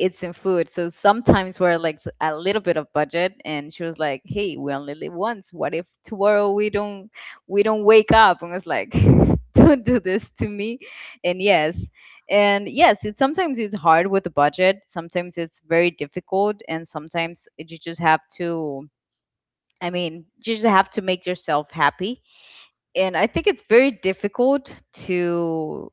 it's in food. So sometimes we're like a little bit of budget, and she was like, "Hey, we only live once. What if tomorrow we don't, we don't wake up?" And I was like, [LAUGHS] don't do this to me. And yes, and yes, it sometimes it's hard with the budget. Sometimes it's very difficult, and sometimes you just have to, I mean, you just have to make yourself happy. And I think it's very difficult to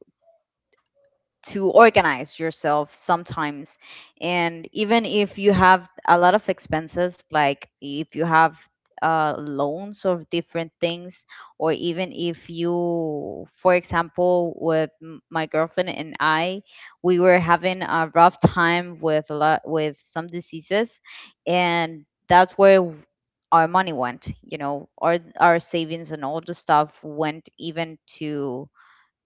to organize yourself sometimes. And even if you have a lot of expenses, like if you have loans of different things, or even if you, for example, with my girlfriend and I, we were having a rough time with a lot with some diseases. And that's where our money went, you know, our savings and all the stuff went, even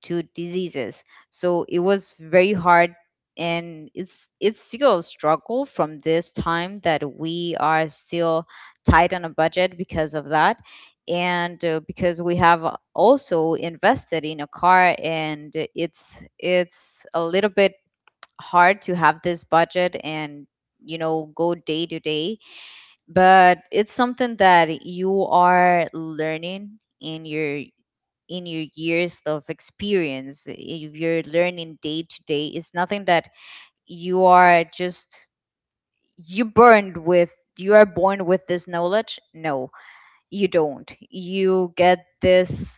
to diseases. So it was very hard, and it's still a struggle from this time that we are still tight on a budget because of that. And because we have also invested in a car, and it's a little bit hard to have this budget and, you know, go day to day. But it's something that you are learning in your years of experience. If you're learning day to day, it's nothing that you are just, you burned with, you are born with this knowledge. No, you don't. You get this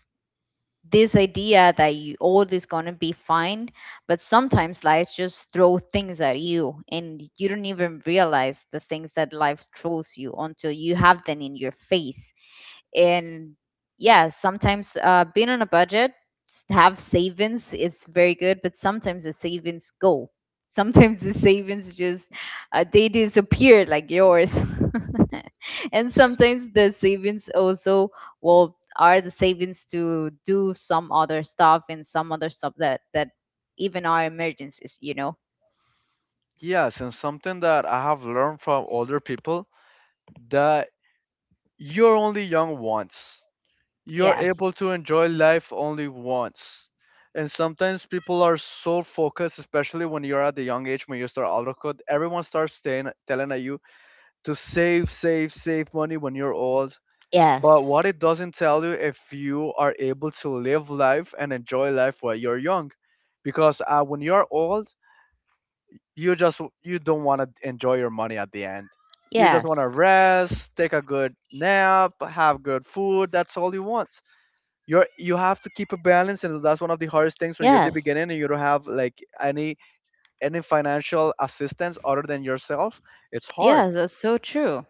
this idea that you all is gonna be fine, but sometimes life just throw things at you, and you don't even realize the things that life throws you until you have them in your face. And yeah, sometimes being on a budget, have savings is very good, but sometimes the savings go. [LAUGHS] Sometimes the savings just they disappear like yours. [LAUGHS] And sometimes the savings also, well, are the savings to do some other stuff, and some other stuff that that even are emergencies, you know.
Yes, and something that I have learned from older people, that you're only young once. You're
Yes.
able to enjoy life only once. And sometimes people are so focused, especially when you're at the young age when you start out of code, everyone starts staying, telling at you to save, save, save money when you're old. But
Yes.
what it doesn't tell you if you are able to live life and enjoy life while you're young, because when you're old, you don't want to enjoy your money at the end. You just want to
Yes.
rest, take a good nap, have good food. That's all you want. You have to keep a balance, and that's one of the hardest things when you're the
Yes.
beginning and you don't have like any financial assistance other than yourself. It's hard.
Yes, that's so true.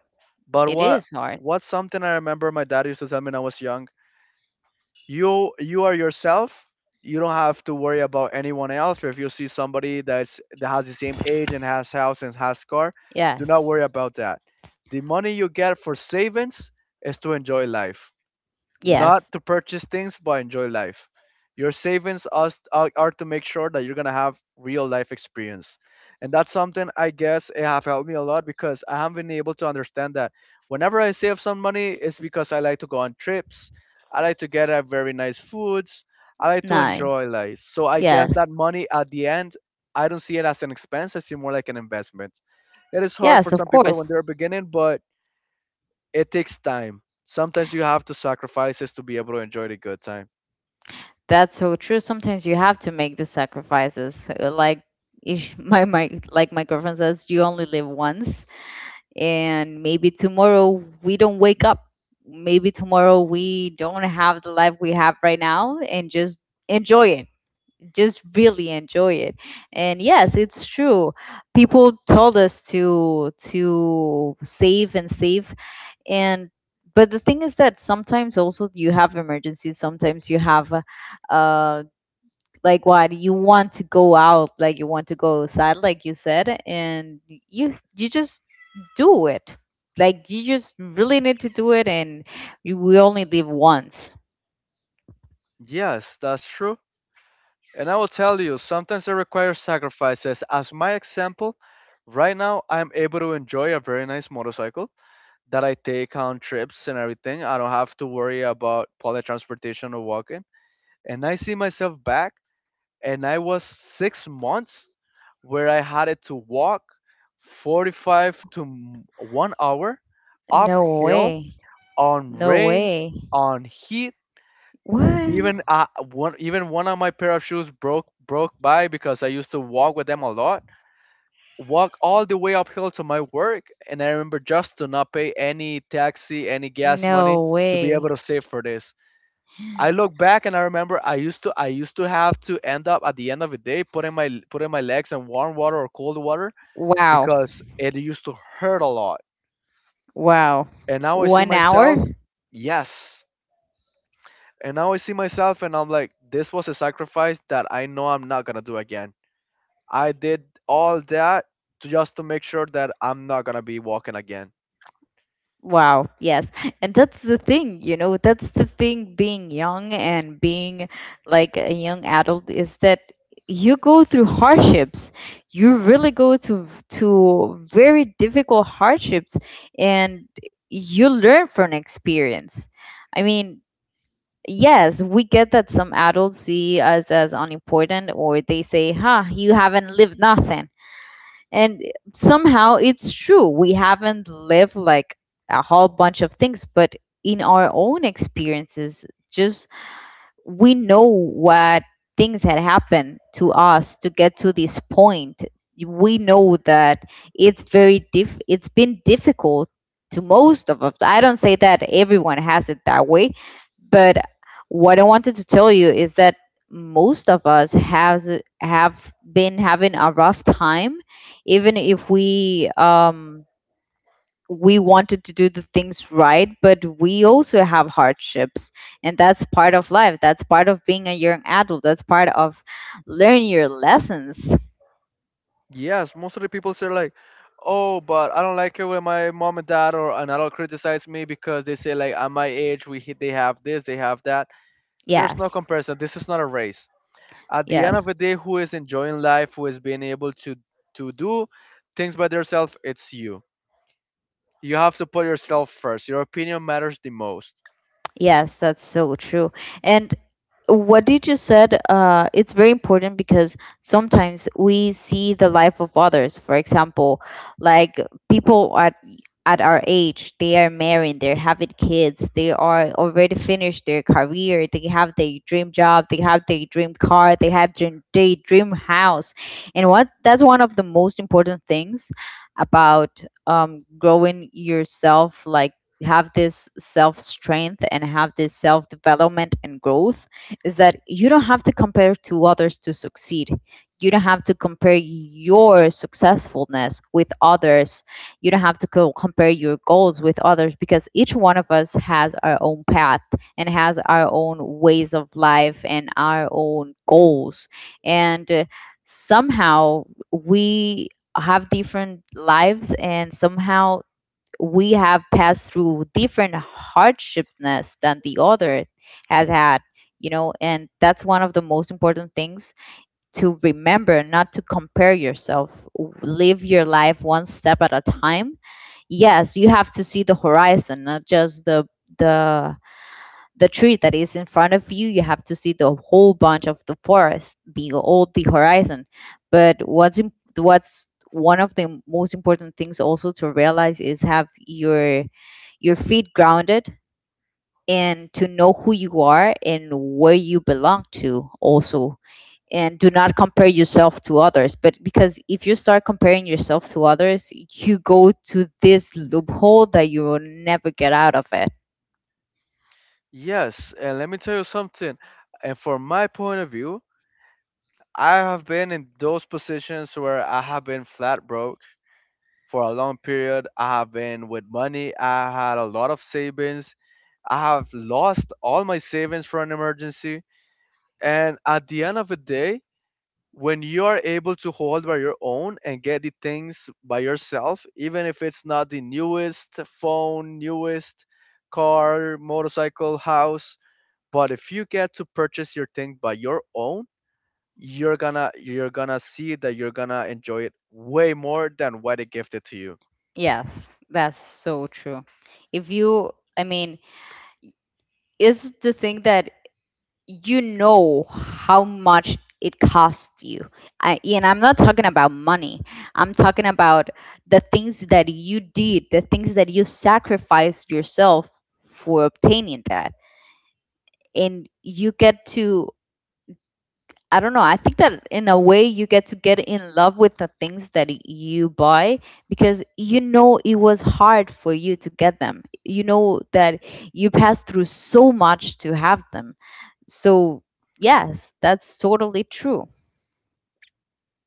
But
It
what
is hard.
What's something I remember my dad used to tell me when I was young. You are yourself. You don't have to worry about anyone else. If you see somebody that has the same age and has house and has car, do not
Yes.
worry about that. The money you get for savings is to enjoy life, not
Yes,
to purchase things, but enjoy life. Your savings us are to make sure that you're gonna have real life experience, and that's something I guess it have helped me a lot because I have been able to understand that whenever I save some money, it's because I like to go on trips, I like to get at very nice foods, I like to enjoy
nice.
life. So I guess that
Yes.
money at the end, I don't see it as an expense; I see more like an investment. It is hard for
Yes, of
some people
course.
when they're beginning, but it takes time. Sometimes you have to sacrifices to be able to enjoy the good time.
That's so true. Sometimes you have to make the sacrifices. Like [LAUGHS] my like my girlfriend says, you only live once, and maybe tomorrow we don't wake up. Maybe tomorrow we don't have the life we have right now, and just enjoy it. Just really enjoy it. And yes, it's true. People told us to save and save, and but the thing is that sometimes also you have emergencies. Sometimes you have uh like what you want to go out, like you want to go outside like you said, and you just do it. Like you just really need to do it. And you, we only live once.
Yes, that's true. And I will tell you, sometimes it requires sacrifices. As my example, right now I'm able to enjoy a very nice motorcycle that I take on trips and everything. I don't have to worry about public transportation or walking. And I see myself back, and I was 6 months where I had it to walk 45 to 1 hour
No
uphill,
way.
on
No
rain,
way.
on heat.
What?
Even I one even one of my pair of shoes broke by because I used to walk with them a lot. Walk all the way uphill to my work, and I remember just to not pay any taxi, any gas money
No
to be able
way.
to save for this. I look back and I remember I used to have to end up at the end of the day putting my legs in warm water or cold water
Wow.
because it used to hurt a lot.
Wow.
And now I see
1 hour?
myself, yes. And now I see myself and I'm like, this was a sacrifice that I know I'm not gonna do again. I did all that just to make sure that I'm not gonna be walking again.
Wow. Yes. And that's the thing, you know, that's the thing being young and being like a young adult is that you go through hardships. You really go to very difficult hardships and you learn from experience. I mean, Yes, we get that some adults see us as unimportant, or they say, huh, you haven't lived nothing. And somehow it's true. We haven't lived like a whole bunch of things, but in our own experiences, just we know what things had happened to us to get to this point. We know that it's very diff it's been difficult to most of us. I don't say that everyone has it that way, but what I wanted to tell you is that most of us has have been having a rough time, even if we wanted to do the things right, but we also have hardships. And that's part of life. That's part of being a young adult. That's part of learn your lessons.
Yes, most of the people say like, oh, but I don't like it when my mom and dad or an adult criticize me because they say like, at my age, they have this, they have that. There's no
Yes.
comparison. This is not a race. At the end of the
Yes.
day, who is enjoying life, who is being able to do things by themselves, it's you. You have to put yourself first. Your opinion matters the most.
Yes, that's so true. And what did you said, it's very important, because sometimes we see the life of others. For example, like people at our age, they are married, they're having kids, they are already finished their career, they have their dream job, they have their dream car, they have their dream house. And what, that's one of the most important things about, growing yourself, like have this self strength and have this self development and growth, is that you don't have to compare to others to succeed. You don't have to compare your successfulness with others. You don't have to compare your goals with others, because each one of us has our own path and has our own ways of life and our own goals. And somehow we have different lives, and somehow we have passed through different hardships than the other has had, you know. And that's one of the most important things to remember, not to compare yourself. Live your life one step at a time. Yes, you have to see the horizon, not just the the the tree that is in front of you. You have to see the whole bunch of the forest, the all the horizon. But what's one of the most important things also to realize is have your feet grounded, and to know who you are and where you belong to also, and do not compare yourself to others. But because if you start comparing yourself to others, you go to this loophole that you will never get out of it.
Yes, and let me tell you something. And from my point of view, I have been in those positions where I have been flat broke for a long period. I have been with money. I had a lot of savings. I have lost all my savings for an emergency. And at the end of the day, when you are able to hold by your own and get the things by yourself, even if it's not the newest phone, newest car, motorcycle, house, but if you get to purchase your thing by your own, you're gonna see that you're gonna enjoy it way more than what they gifted to you.
Yes, that's so true. If you, i mean is the thing that you know how much it costs you. And I'm not talking about money. I'm talking about the things that you did, the things that you sacrificed yourself for obtaining that. And you get to, I don't know, I think that in a way you get to get in love with the things that you buy, because you know it was hard for you to get them. You know that you passed through so much to have them. So, yes, that's totally true.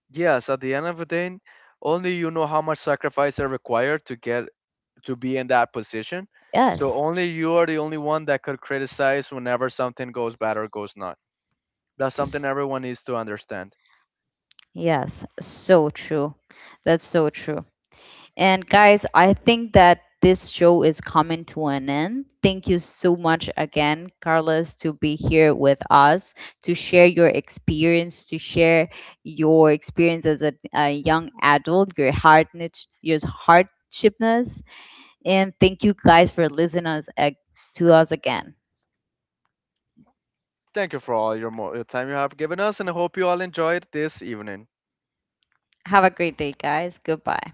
Yes, at the end of the day, only you know how much sacrifice are required to get to be in that position. So
Yes.
only you are the only one that could criticize whenever something goes bad or goes not. That's something
S-
everyone needs to understand.
Yes, so true. That's so true. And guys, I think that this show is coming to an end. Thank you so much again, Carlos, to be here with us, to share your experience, to share your experience as a young adult, your hard your hardshipness. And thank you guys for listening us, to us again.
Thank you for all your your time you have given us, and I hope you all enjoyed this evening.
Have a great day, guys. Goodbye.